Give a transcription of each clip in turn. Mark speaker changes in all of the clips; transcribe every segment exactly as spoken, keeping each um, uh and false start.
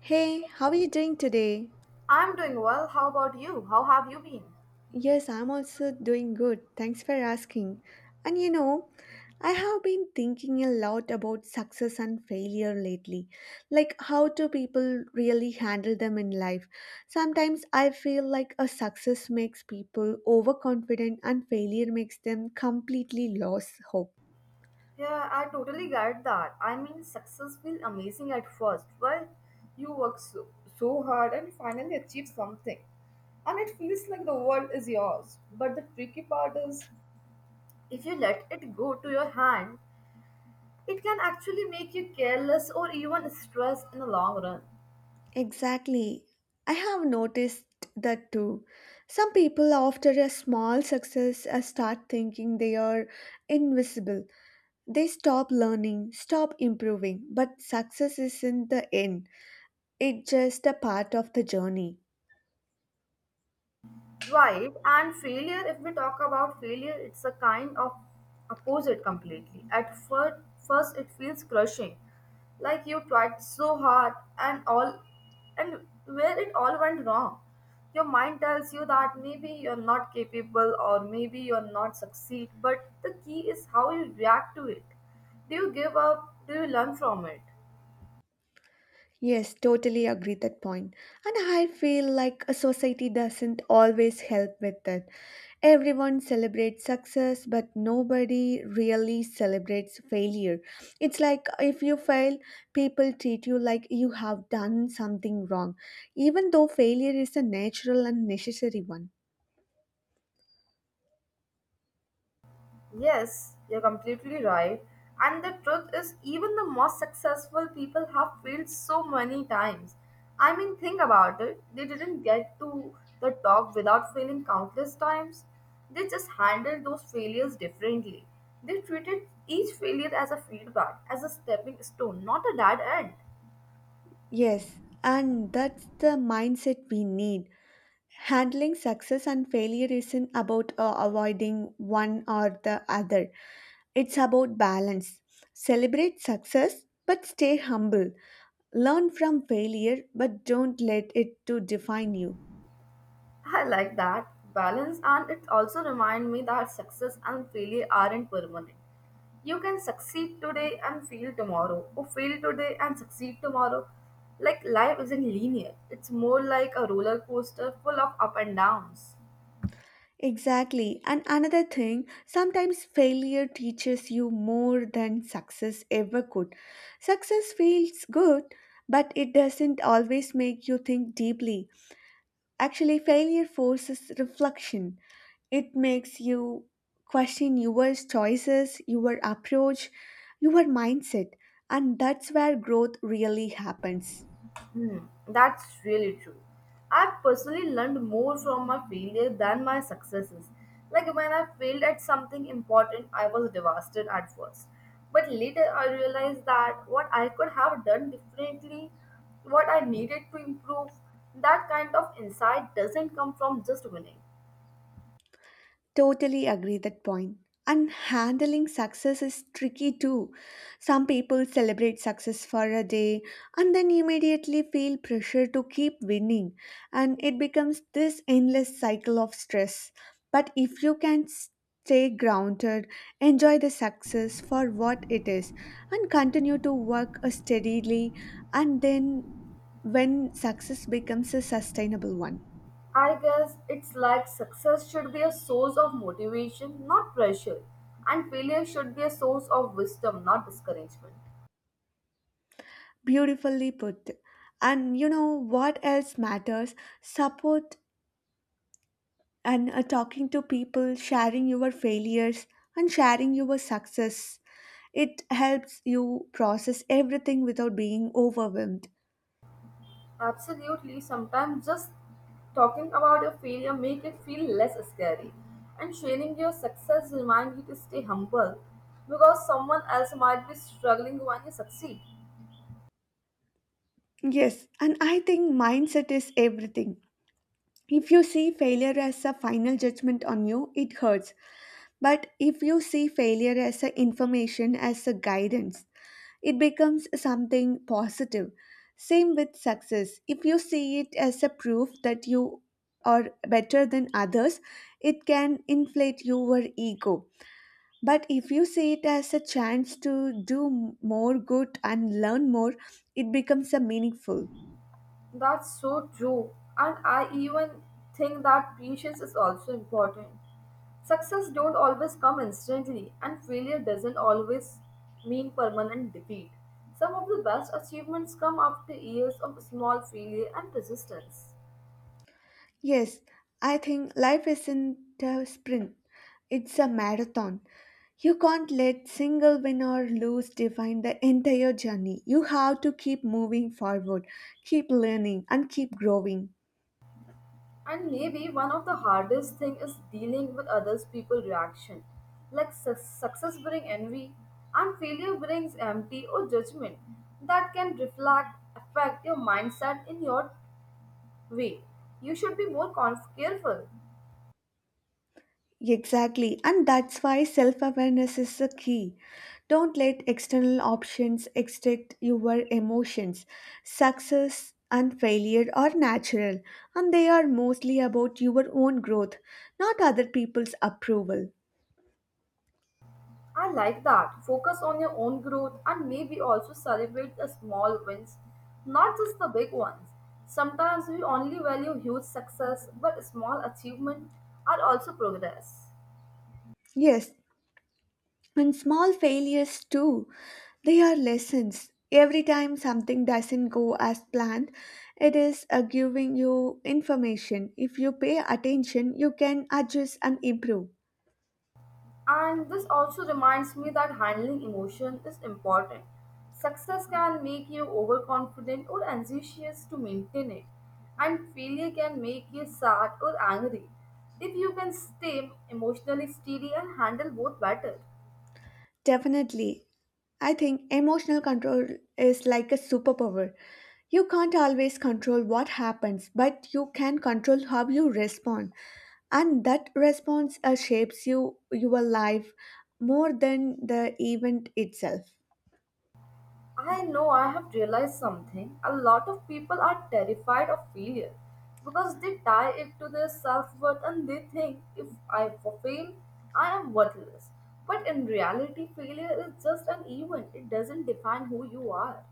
Speaker 1: Hey, how are you doing today?
Speaker 2: I'm doing well. How about you? How have you been?
Speaker 1: Yes, I'm also doing good. Thanks for asking. And you know, I have been thinking a lot about success and failure lately. Like, how do people really handle them in life? Sometimes I feel like a success makes people overconfident and failure makes them completely lose hope.
Speaker 2: Yeah, I totally get that. I mean, success feels amazing at first, right? You work so, so hard and finally achieve something, and it feels like the world is yours. But the tricky part is, if you let it go to your hand, it can actually make you careless or even stressed in the long run.
Speaker 1: Exactly. I have noticed that too. Some people, after a small success, uh, start thinking they are invisible. They stop learning, stop improving. But success isn't the end, it's just a part of the journey.
Speaker 2: Right, and failure, if we talk about failure, it's a kind of opposite completely. At first, first it feels crushing, like you tried so hard and all, and where it all went wrong. Your mind tells you that maybe you're not capable or maybe you're not succeed, but the key is how you react to it. Do you give up? Do you learn from it?
Speaker 1: Yes, totally agree that point. And I feel like a society doesn't always help with it. Everyone celebrates success, but nobody really celebrates failure. It's like if you fail, people treat you like you have done something wrong, even though failure is a natural and necessary one.
Speaker 2: Yes, you're completely right. And the truth is, even the most successful people have failed so many times. I mean, think about it. They didn't get to the top without failing countless times. They just handled those failures differently. They treated each failure as a feedback, as a stepping stone, not a dead end.
Speaker 1: Yes, and that's the mindset we need. Handling success and failure isn't about uh, avoiding one or the other. It's about balance. Celebrate success but stay humble. Learn from failure but don't let it to define you.
Speaker 2: I like that balance, and it also reminds me that success and failure aren't permanent. You can succeed today and fail tomorrow, or fail today and succeed tomorrow. Like life isn't linear, it's more like a roller coaster full of up and downs.
Speaker 1: Exactly. And another thing, sometimes failure teaches you more than success ever could. Success feels good, but it doesn't always make you think deeply. Actually, failure forces reflection. It makes you question your choices, your approach, your mindset, and that's where growth really happens.
Speaker 2: Hmm, that's really true. I've personally learned more from my failure than my successes. Like when I failed at something important, I was devastated at first. But later I realized that what I could have done differently, what I needed to improve, that kind of insight doesn't come from just winning.
Speaker 1: Totally agree that point. And handling success is tricky too. Some people celebrate success for a day and then immediately feel pressure to keep winning, and it becomes this endless cycle of stress. But if you can stay grounded, enjoy the success for what it is, and continue to work steadily, and then when success becomes a sustainable one.
Speaker 2: I guess it's like success should be a source of motivation, not pressure, and failure should be a source of wisdom, not discouragement.
Speaker 1: Beautifully put. And you know what else matters? Support and uh, talking to people, sharing your failures, and sharing your success. It helps you process everything without being overwhelmed.
Speaker 2: Absolutely. Sometimes just talking about your failure make it feel less scary. And sharing your success remind you to stay humble because someone else might be struggling when you succeed.
Speaker 1: Yes, and I think mindset is everything. If you see failure as a final judgment on you, it hurts. But if you see failure as a information, as a guidance, it becomes something positive. Same with success. If you see it as a proof that you are better than others, it can inflate your ego. But if you see it as a chance to do more good and learn more, it becomes a meaningful.
Speaker 2: That's so true. And I even think that patience is also important. Success don't always come instantly and failure doesn't always mean permanent defeat. Some of the best achievements come after years of small failure and persistence.
Speaker 1: Yes, I think life isn't a sprint, it's a marathon. You can't let single win or lose define the entire journey. You have to keep moving forward, keep learning, and keep growing.
Speaker 2: And maybe one of the hardest thing is dealing with others people reaction. Like su- success brings envy and failure brings empty or judgment that can reflect affect your mindset in your way. You should be more conf- careful.
Speaker 1: Exactly, and that's why self awareness is the key. Don't let external options extract your emotions. Success and failure are natural, and they are mostly about your own growth, not other people's approval.
Speaker 2: I like that. Focus on your own growth and maybe also celebrate the small wins, not just the big ones. Sometimes we only value huge success, but small achievements are also progress.
Speaker 1: Yes, and small failures too. They are lessons. Every time something doesn't go as planned, it is uh, giving you information. If you pay attention, you can adjust and improve.
Speaker 2: And this also reminds me that handling emotion is important. Success can make you overconfident or anxious to maintain it, and failure can make you sad or angry. If you can stay emotionally steady and handle both better.
Speaker 1: Definitely. I think emotional control is like a superpower. You can't always control what happens, but you can control how you respond. And that response uh, shapes you, your life more than the event itself.
Speaker 2: I know I have realized something. A lot of people are terrified of failure because they tie it to their self worth and they think if I fail, I am worthless. But in reality, failure is just an event, it doesn't define who you are.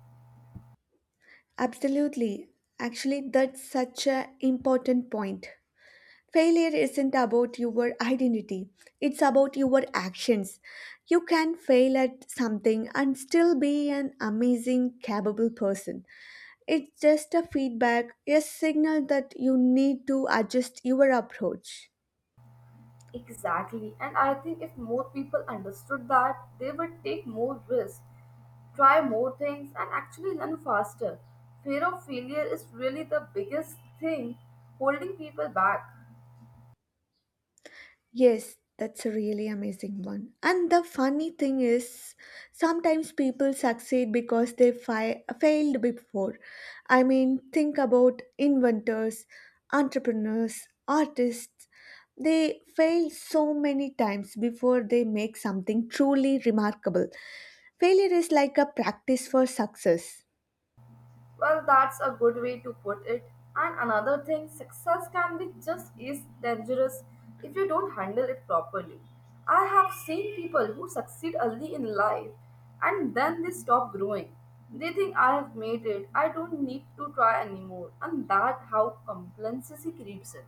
Speaker 1: Absolutely. Actually, that's such an important point. Failure isn't about your identity, it's about your actions. You can fail at something and still be an amazing, capable person. It's just a feedback, a signal that you need to adjust your approach.
Speaker 2: Exactly, and I think if more people understood that, they would take more risks, try more things, and actually learn faster. Fear of failure is really the biggest thing holding people back.
Speaker 1: Yes, that's a really amazing one. And the funny thing is, sometimes people succeed because they fi- failed before. I mean, think about inventors, entrepreneurs, artists. They fail so many times before they make something truly remarkable. Failure is like a practice for success.
Speaker 2: Well, that's a good way to put it. And another thing, success can be just as dangerous if you don't handle it properly. I have seen people who succeed early in life and then they stop growing. They think I have made it, I don't need to try anymore, and that how complacency creeps in.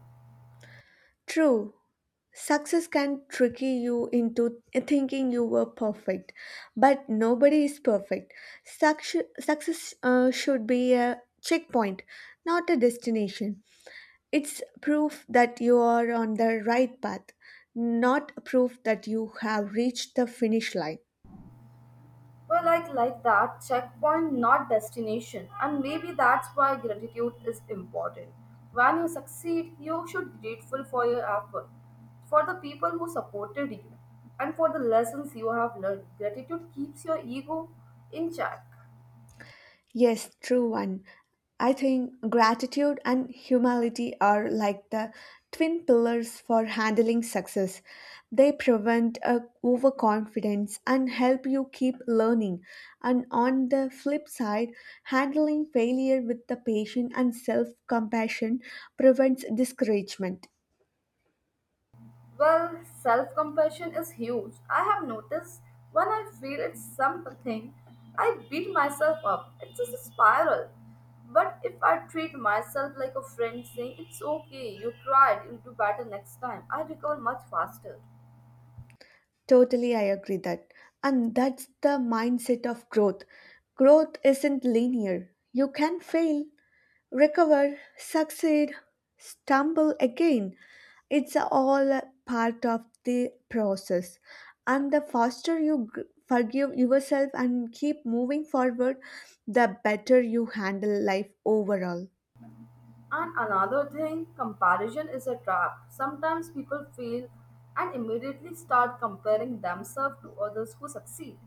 Speaker 1: True. Success can trick you into thinking you were perfect, but nobody is perfect. Success, success uh, should be a checkpoint, not a destination. It's proof that you are on the right path, not proof that you have reached the finish line.
Speaker 2: Well, like like that checkpoint, not destination. And maybe that's why gratitude is important. When you succeed, you should be grateful for your effort, for the people who supported you, and for the lessons you have learned. Gratitude keeps your ego in check.
Speaker 1: Yes, true one. I think gratitude and humility are like the twin pillars for handling success. They prevent uh, overconfidence and help you keep learning. And on the flip side, handling failure with the patience and self compassion prevents discouragement.
Speaker 2: Well, self compassion is huge. I have noticed when I feel it's something, I beat myself up. It's just a spiral. But if I treat myself like a friend saying, It's okay, you tried, you'll do better next time, I recover much faster.
Speaker 1: Totally, I agree that. And that's the mindset of growth. Growth isn't linear. You can fail, recover, succeed, stumble again. It's all a part of the process. And the faster you g- forgive yourself and keep moving forward, the better you handle life overall.
Speaker 2: And another thing, comparison is a trap. Sometimes people fail and immediately start comparing themselves to others who succeed.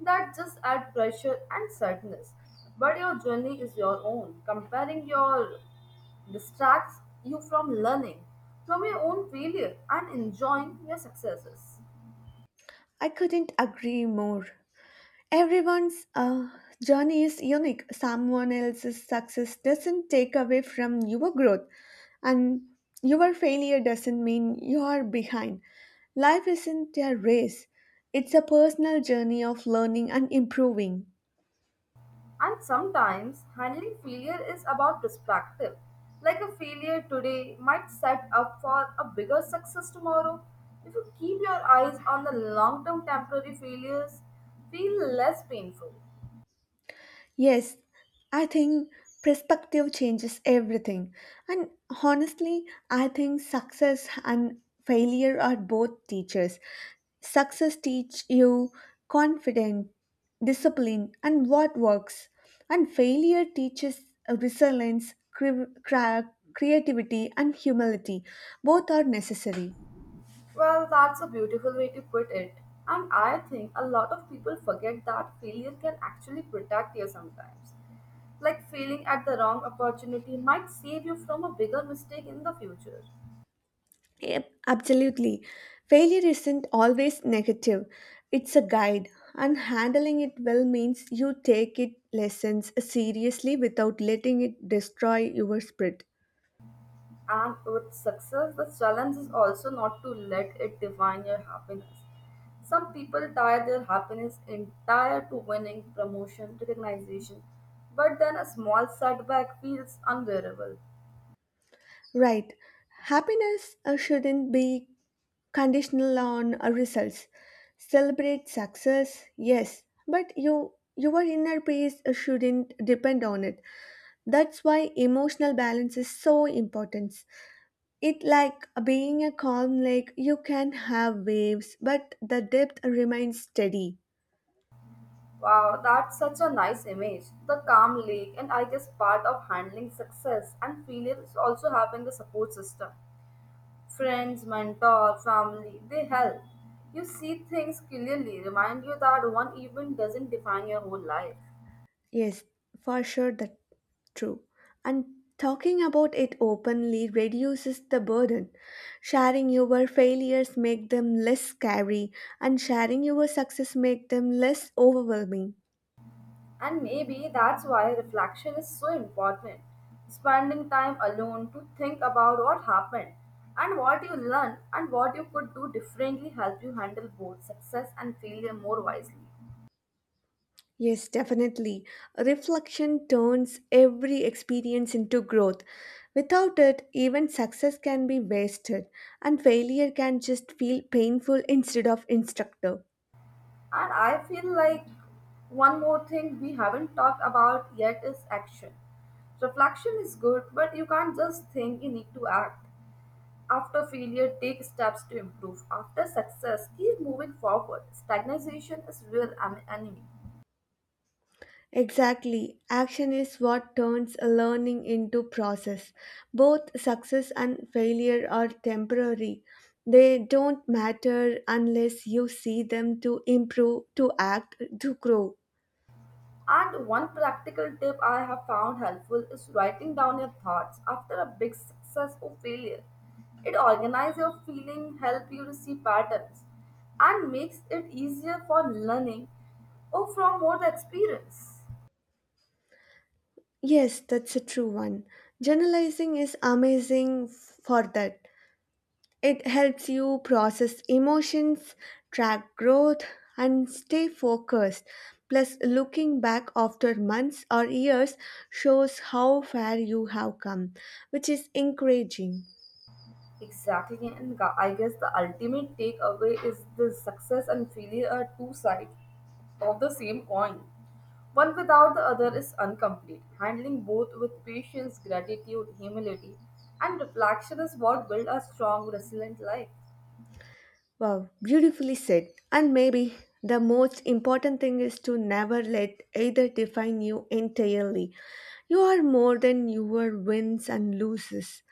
Speaker 2: That just adds pressure and sadness. But your journey is your own. Comparing your distracts you from learning, from your own failure, and enjoying your successes.
Speaker 1: I couldn't agree more. Everyone's uh, journey is unique. Someone else's success doesn't take away from your growth, and your failure doesn't mean you are behind. Life isn't a race, it's a personal journey of learning and improving.
Speaker 2: And sometimes handling failure is about perspective. Like a failure today might set up for a bigger success tomorrow. If you keep your eyes on the long term temporary failures, feel less painful.
Speaker 1: Yes, I think perspective changes everything. And honestly, I think success and failure are both teachers. Success teach you confidence, discipline, and what works. And failure teaches resilience, cre- cra- creativity, and humility. Both are necessary.
Speaker 2: Well, that's a beautiful way to put it. And I think a lot of people forget that failure can actually protect you sometimes. Like failing at the wrong opportunity might save you from a bigger mistake in the future.
Speaker 1: Yep, absolutely. Failure isn't always negative. It's a guide, and handling it well means you take it lessons seriously without letting it destroy your spirit.
Speaker 2: And with success, the challenge is also not to let it define your happiness. Some people tie their happiness entire to winning, promotion, recognition, but then a small setback feels unbearable.
Speaker 1: Right. Happiness uh, shouldn't be conditional on uh, results. Celebrate success, yes, but you your inner peace uh, shouldn't depend on it. That's why emotional balance is so important. It like being a calm lake, you can have waves, but the depth remains steady.
Speaker 2: Wow, that's such a nice image. The calm lake, and I guess part of handling success and failure is also having a support system. Friends, mentor, family, they help. You see things clearly, remind you that one event doesn't define your whole life.
Speaker 1: Yes, for sure that true. And talking about it openly reduces the burden. Sharing your failures make them less scary and sharing your success make them less overwhelming.
Speaker 2: And maybe that's why reflection is so important. Spending time alone to think about what happened and what you learned and what you could do differently help you handle both success and failure more wisely.
Speaker 1: Yes, definitely. Reflection turns every experience into growth. Without it, even success can be wasted, and failure can just feel painful instead of instructive.
Speaker 2: And I feel like one more thing we haven't talked about yet is action. Reflection is good, but you can't just think, you need to act. After failure, take steps to improve. After success, keep moving forward. Stagnation is real en- enemy.
Speaker 1: Exactly. Action is what turns a learning into process. Both success and failure are temporary. They don't matter unless you see them to improve, to act, to grow.
Speaker 2: And one practical tip I have found helpful is writing down your thoughts after a big success or failure. It organizes your feeling, help you to see patterns, and makes it easier for learning or from more the experience.
Speaker 1: Yes, that's a true one. Journalizing is amazing f- for that. It helps you process emotions, track growth, and stay focused. Plus, looking back after months or years shows how far you have come, which is encouraging.
Speaker 2: Exactly, and gu- I guess the ultimate takeaway is the success and failure are two sides of the same coin. One without the other is incomplete. Handling both with patience, gratitude, humility, and reflection is what build a strong, resilient life.
Speaker 1: Wow, beautifully said. And maybe the most important thing is to never let either define you entirely. You are more than your wins and losses.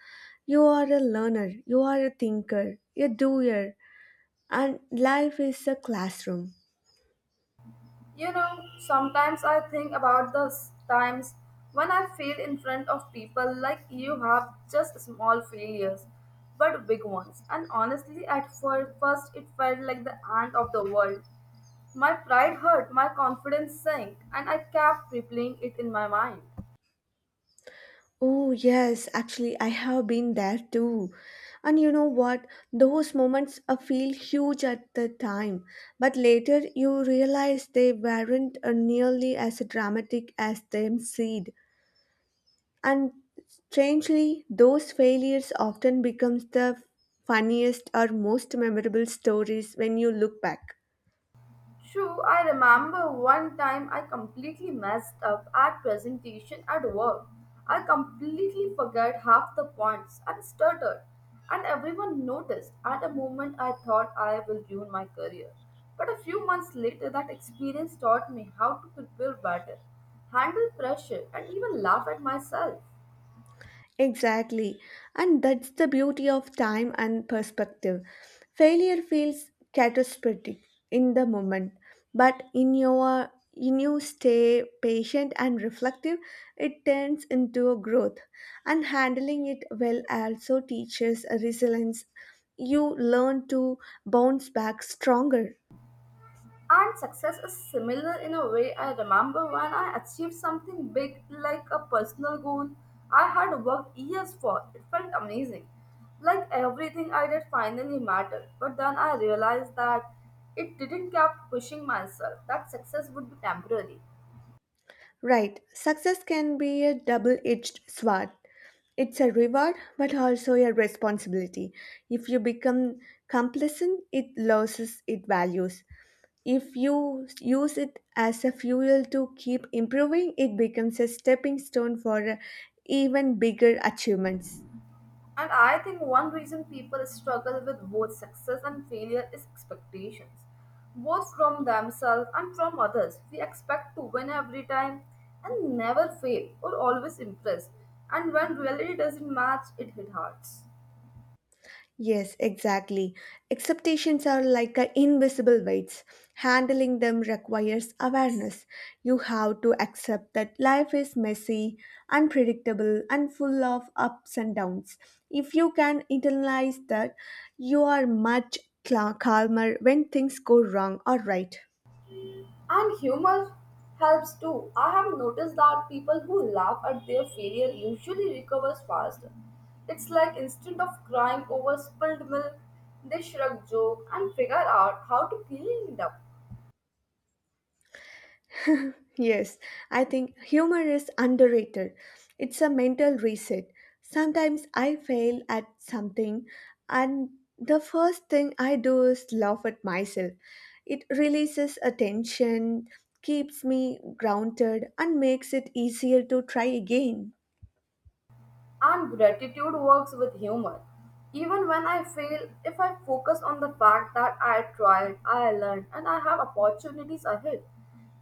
Speaker 1: You are a learner, you are a thinker, a doer, and life is a classroom.
Speaker 2: You know, sometimes I think about the s- times when I fail in front of people like you have just small failures, but big ones. And honestly, at fir- first, it felt like the end of the world. My pride hurt, my confidence sank, and I kept replaying it in my mind.
Speaker 1: Oh, yes, actually, I have been there too. And you know what? Those moments uh, feel huge at the time, but later you realize they weren't uh, nearly as dramatic as them seemed. And strangely, those failures often becomes the funniest or most memorable stories when you look back.
Speaker 2: True, I remember one time I completely messed up at presentation at work. I completely forgot half the points and stuttered, and everyone noticed. At a moment, I thought I will ruin my career. But a few months later, that experience taught me how to prepare better, handle pressure, and even laugh at myself.
Speaker 1: Exactly. And that's the beauty of time and perspective. Failure feels catastrophic in the moment, but in your in you stay patient and reflective, it turns into a growth. And handling it well also teaches resilience. You learn to bounce back stronger.
Speaker 2: And success is similar in a way. I remember when I achieved something big, like a personal goal I had worked years for. It felt amazing. Like everything I did finally mattered. But then I realized that it didn't kept pushing myself, that success would be temporary.
Speaker 1: Right, success can be a double edged sword. It's a reward, but also a responsibility. If you become complacent, it loses its values. If you use it as a fuel to keep improving, it becomes a stepping stone for uh, even bigger achievements.
Speaker 2: And I think one reason people struggle with both success and failure is expectations, both from themselves and from others. We expect to win every time and never fail or always impress. And when reality doesn't match, it hit hearts.
Speaker 1: Yes, exactly. Expectations are like a invisible weights. Handling them requires awareness. You have to accept that life is messy, unpredictable, and full of ups and downs. If you can internalize that, you are much cla- calmer when things go wrong or right.
Speaker 2: And humor helps too. I have noticed that people who laugh at their failure usually recovers faster. It's like instead of crying over spilled milk, they shrug, joke, and figure out how to clean it up.
Speaker 1: Yes, I think humor is underrated. It's a mental reset. Sometimes I fail at something, and the first thing I do is laugh at myself. It releases attention, keeps me grounded, and makes it easier to try again.
Speaker 2: And gratitude works with humor. Even when I fail, if I focus on the fact that I tried, I learned, and I have opportunities ahead,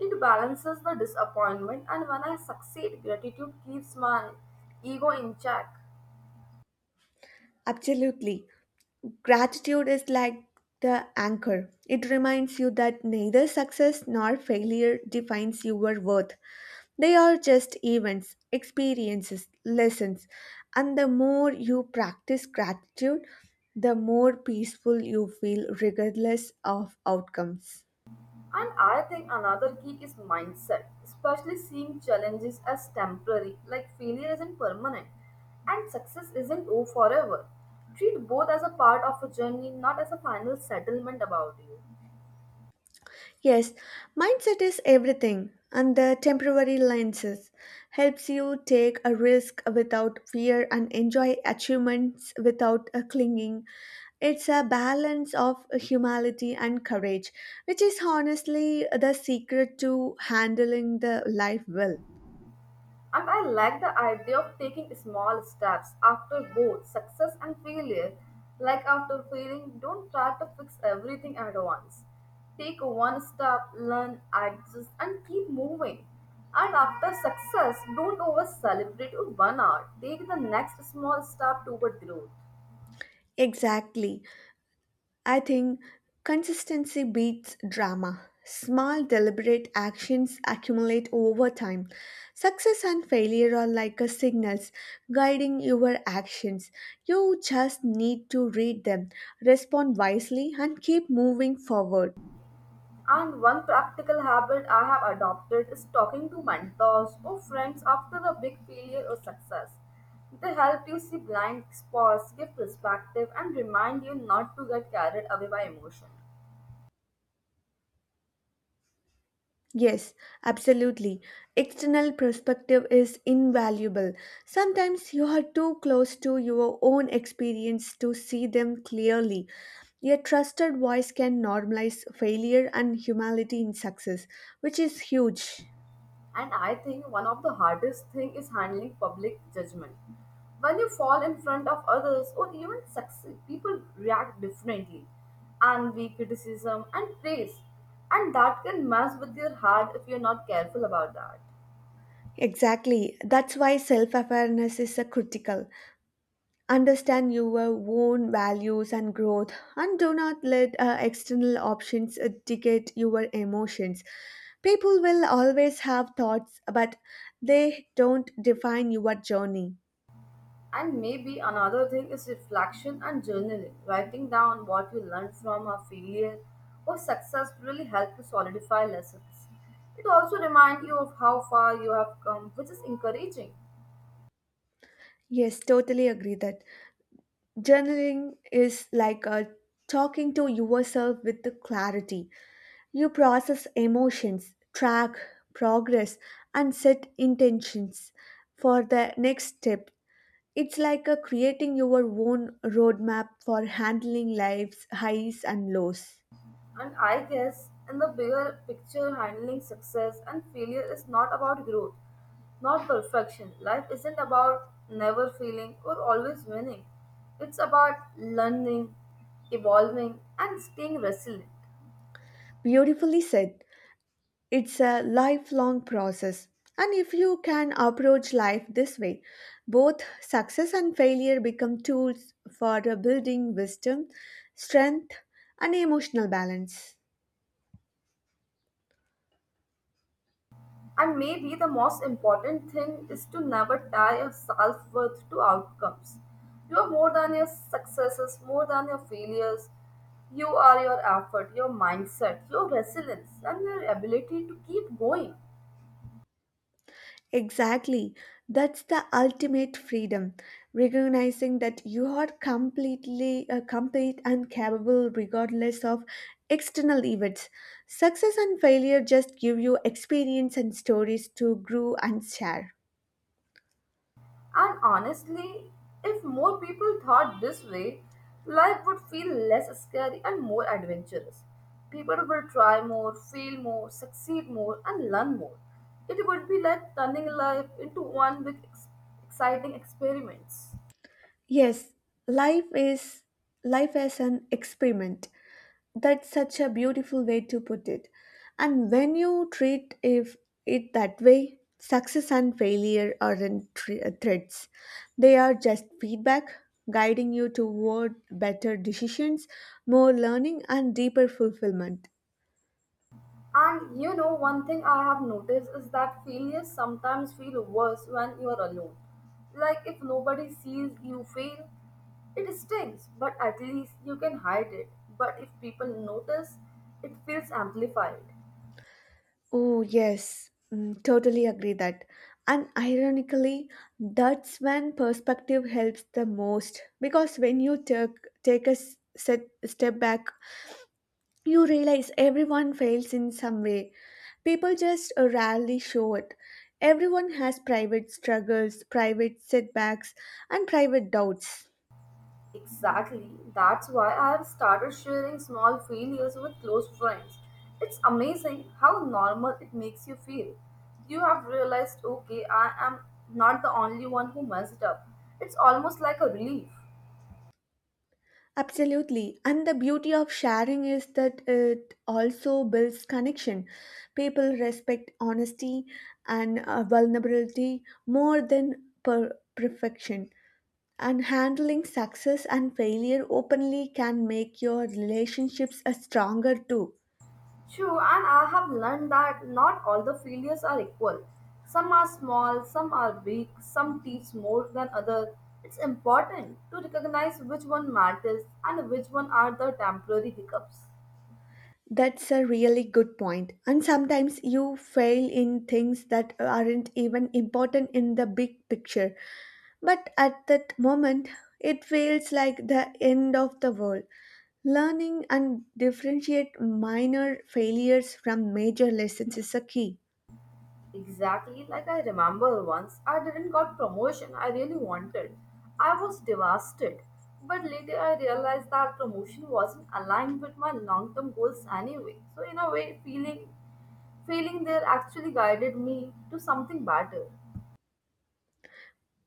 Speaker 2: it balances the disappointment. And when I succeed, gratitude keeps my ego in check.
Speaker 1: Absolutely. Gratitude is like the anchor. It reminds you that neither success nor failure defines your worth. They are just events, experiences, lessons. And the more you practice gratitude, the more peaceful you feel regardless of outcomes.
Speaker 2: And I think another key is mindset, especially seeing challenges as temporary, like failure isn't permanent and success isn't oh, forever. Treat both as a part of a journey, not as a final settlement about you.
Speaker 1: Yes, mindset is everything, and the temporary lenses helps you take a risk without fear and enjoy achievements without a clinging. It's a balance of humility and courage, which is honestly the secret to handling the life well.
Speaker 2: And I like the idea of taking small steps after both success and failure. Like after failing, don't try to fix everything at once. Take one step, learn, adjust, and keep moving. And after success, don't over celebrate or burn out. Take the next small step toward growth.
Speaker 1: Exactly. I think consistency beats drama. Small, deliberate actions accumulate over time. Success and failure are like a signals guiding your actions. You just need to read them, respond wisely, and keep moving forward.
Speaker 2: And one practical habit I have adopted is talking to mentors or friends after a big failure or success. They help you see blind spots, give perspective, and remind you not to get carried away by emotion.
Speaker 1: Yes, absolutely. External perspective is invaluable. Sometimes you are too close to your own experience to see them clearly. A trusted voice can normalize failure and humility in success, which is huge.
Speaker 2: And I think one of the hardest thing is handling public judgment. When you fall in front of others or even succeed, people react differently. Envy, criticism, and praise. And that can mess with your heart if you're not careful about that.
Speaker 1: Exactly. That's why self awareness is a critical. Understand your own values and growth, and do not let uh, external options uh, dictate your emotions. People will always have thoughts, but they don't define your journey.
Speaker 2: And maybe another thing is reflection and journaling. Writing down what you learned from a failure or success really help you solidify lessons. It also reminds you of how far you have come, which is encouraging.
Speaker 1: Yes, totally agree that journaling is like uh, talking to yourself with the clarity. You process emotions, track progress, and set intentions for the next step. It's like a creating your own roadmap for handling life's highs and lows.
Speaker 2: And I guess in the bigger picture, handling success and failure is not about growth, not perfection. Life isn't about never failing or always winning. It's about learning, evolving, and staying resilient.
Speaker 1: Beautifully said. It's a lifelong process. And if you can approach life this way, both success and failure become tools for building wisdom, strength, and emotional balance.
Speaker 2: And maybe the most important thing is to never tie your self worth to outcomes. You are more than your successes, more than your failures. You are your effort, your mindset, your resilience, and your ability to keep going.
Speaker 1: Exactly. That's the ultimate freedom, recognizing that you are completely uh, complete and capable regardless of external events. Success and failure just give you experience and stories to grow and share.
Speaker 2: And honestly, if more people thought this way, life would feel less scary and more adventurous. People would try more, fail more, succeed more, and learn more. It would be like turning life into one big ex- exciting experiments.
Speaker 1: Yes, life is life as an experiment. That's such a beautiful way to put it. And when you treat if it that way, success and failure aren't thr- uh, threats. They are just feedback, guiding you toward better decisions, more learning, and deeper fulfillment.
Speaker 2: And you know, one thing I have noticed is that failures sometimes feel worse when you are alone. Like if nobody sees you fail, it stings, but at least you can hide it. But if people notice, it feels amplified.
Speaker 1: Oh, yes, Mm, totally agree that. And ironically, that's when perspective helps the most because when you take, take a s- set, step back, you realize everyone fails in some way. People just uh, rarely show it. Everyone has private struggles, private setbacks, and private doubts.
Speaker 2: Exactly. That's why I have started sharing small failures with close friends. It's amazing how normal it makes you feel. You have realized, okay, I am not the only one who messed up. It's almost like a relief.
Speaker 1: Absolutely. And the beauty of sharing is that it also builds connection. People respect honesty and uh, vulnerability more than per- perfection. And handling success and failure openly can make your relationships uh, stronger too.
Speaker 2: True, and I have learned that not all the failures are equal. Some are small, some are big, some teach more than others. It's important to recognize which one matters and which one are the temporary hiccups.
Speaker 1: That's a really good point. And sometimes you fail in things that aren't even important in the big picture. But at that moment, it feels like the end of the world. Learning and differentiate minor failures from major lessons is a key.
Speaker 2: Exactly, like I remember once, I didn't got promotion I really wanted. I was devastated. But later I realized that promotion wasn't aligned with my long-term goals anyway. So in a way, feeling feeling there actually guided me to something better.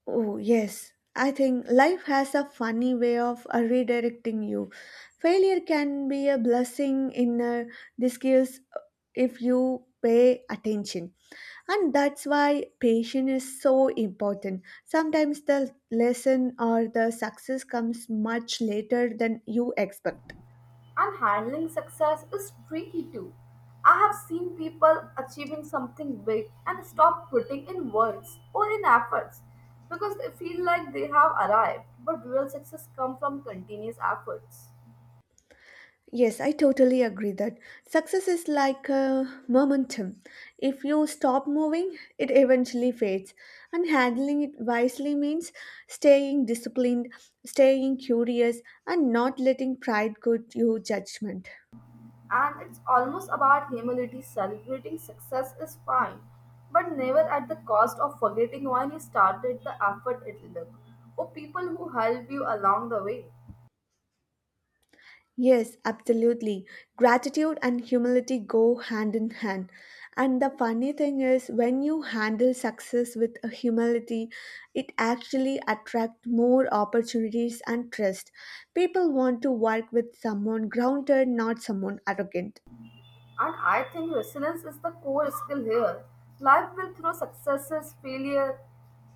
Speaker 1: Oh, yes. I think life has a funny way of uh, redirecting you. Failure can be a blessing in uh, disguise uh, if you pay attention. And that's why patience is so important. Sometimes the lesson or the success comes much later than you expect.
Speaker 2: And handling success is tricky too. I have seen people achieving something big and stop putting in words or in efforts because they feel like they have arrived. But real success comes from continuous efforts.
Speaker 1: Yes, I totally agree that success is like a momentum. If you stop moving, it eventually fades. And handling it wisely means staying disciplined, staying curious, and not letting pride go to judgment.
Speaker 2: And it's almost about humility. Celebrating success is fine, but never at the cost of forgetting why you started the effort it took or people who help you along the way.
Speaker 1: Yes, absolutely. Gratitude and humility go hand in hand. And the funny thing is, when you handle success with a humility, it actually attracts more opportunities and trust. People want to work with someone grounded, not someone arrogant.
Speaker 2: And I think resilience is the core skill here. Life will throw successes, failure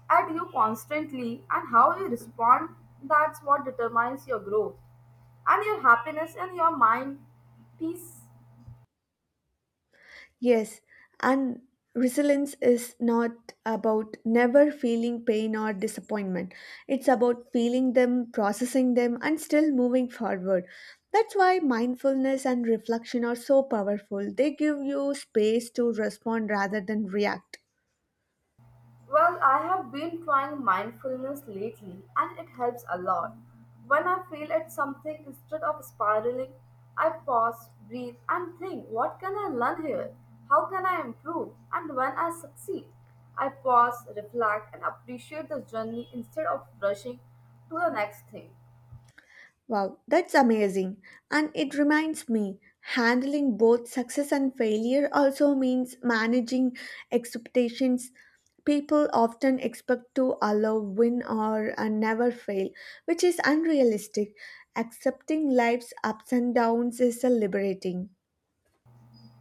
Speaker 2: at you constantly, and how you respond, that's what determines your growth and your happiness and your mind peace.
Speaker 1: Yes, and resilience is not about never feeling pain or disappointment. It's about feeling them, processing them, and still moving forward. That's why mindfulness and reflection are so powerful. They give you space to respond rather than react.
Speaker 2: Well, I have been trying mindfulness lately and it helps a lot. When I feel at something, instead of spiraling, I pause, breathe, and think, what can I learn here? How can I improve? And when I succeed, I pause, reflect, and appreciate the journey instead of rushing to the next thing.
Speaker 1: Wow, that's amazing. And it reminds me, handling both success and failure also means managing expectations. People often expect to allow win or uh, never fail, which is unrealistic. Accepting life's ups and downs is uh, liberating.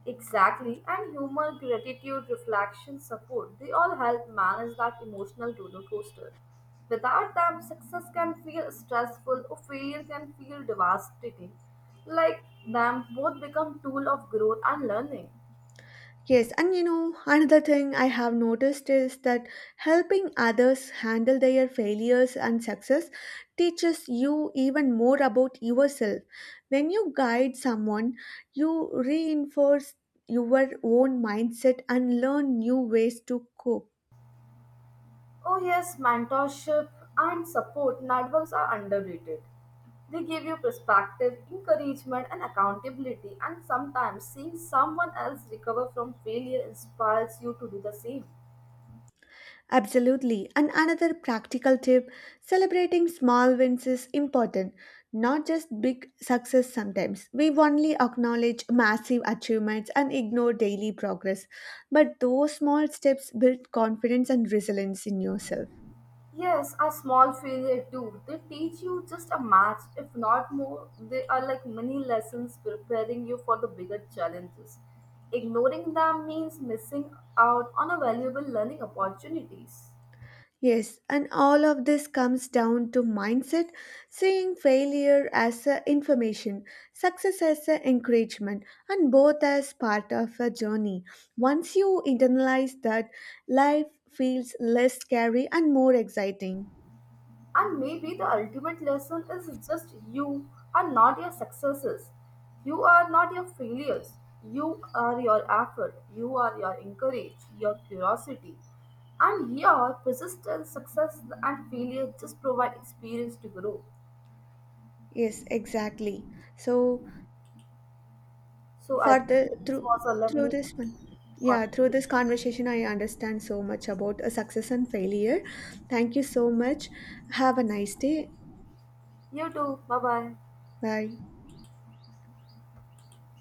Speaker 2: Exactly, and humor, gratitude, reflection, support, they all help manage that emotional roller coaster. Without them, success can feel stressful or failure can feel devastating. Like them, both become tool of growth and learning.
Speaker 1: Yes, and you know, another thing I have noticed is that helping others handle their failures and success teaches you even more about yourself. When you guide someone, you reinforce your own mindset and learn new ways to cope.
Speaker 2: Oh yes, mentorship and support networks are underrated. They give you perspective, encouragement, and accountability, and sometimes seeing someone else recover from failure inspires you to do the same.
Speaker 1: Absolutely. And another practical tip, celebrating small wins is important, not just big success. Sometimes we only acknowledge massive achievements and ignore daily progress, but those small steps build confidence and resilience in yourself.
Speaker 2: Yes, a small failure too. They teach you just a match, if not more. They are like mini lessons preparing you for the bigger challenges. Ignoring them means missing out on a valuable learning opportunities.
Speaker 1: Yes, and all of this comes down to mindset, seeing failure as a information, success as a encouragement, and both as part of a journey. Once you internalize that, life feels less scary and more exciting.
Speaker 2: And maybe the ultimate lesson is just you are not your successes. You are not your failures. You are your effort. You are your encourage, your curiosity. And your persistent success and failure just provide experience to grow.
Speaker 1: Yes, exactly. So
Speaker 2: So I
Speaker 1: for the
Speaker 2: this
Speaker 1: through
Speaker 2: was a
Speaker 1: through
Speaker 2: lovely
Speaker 1: this one. Yeah, through this
Speaker 2: conversation.
Speaker 1: conversation, I understand so much about a success and failure. Thank you so much. Have a nice day.
Speaker 2: You too. Bye bye.
Speaker 1: Bye.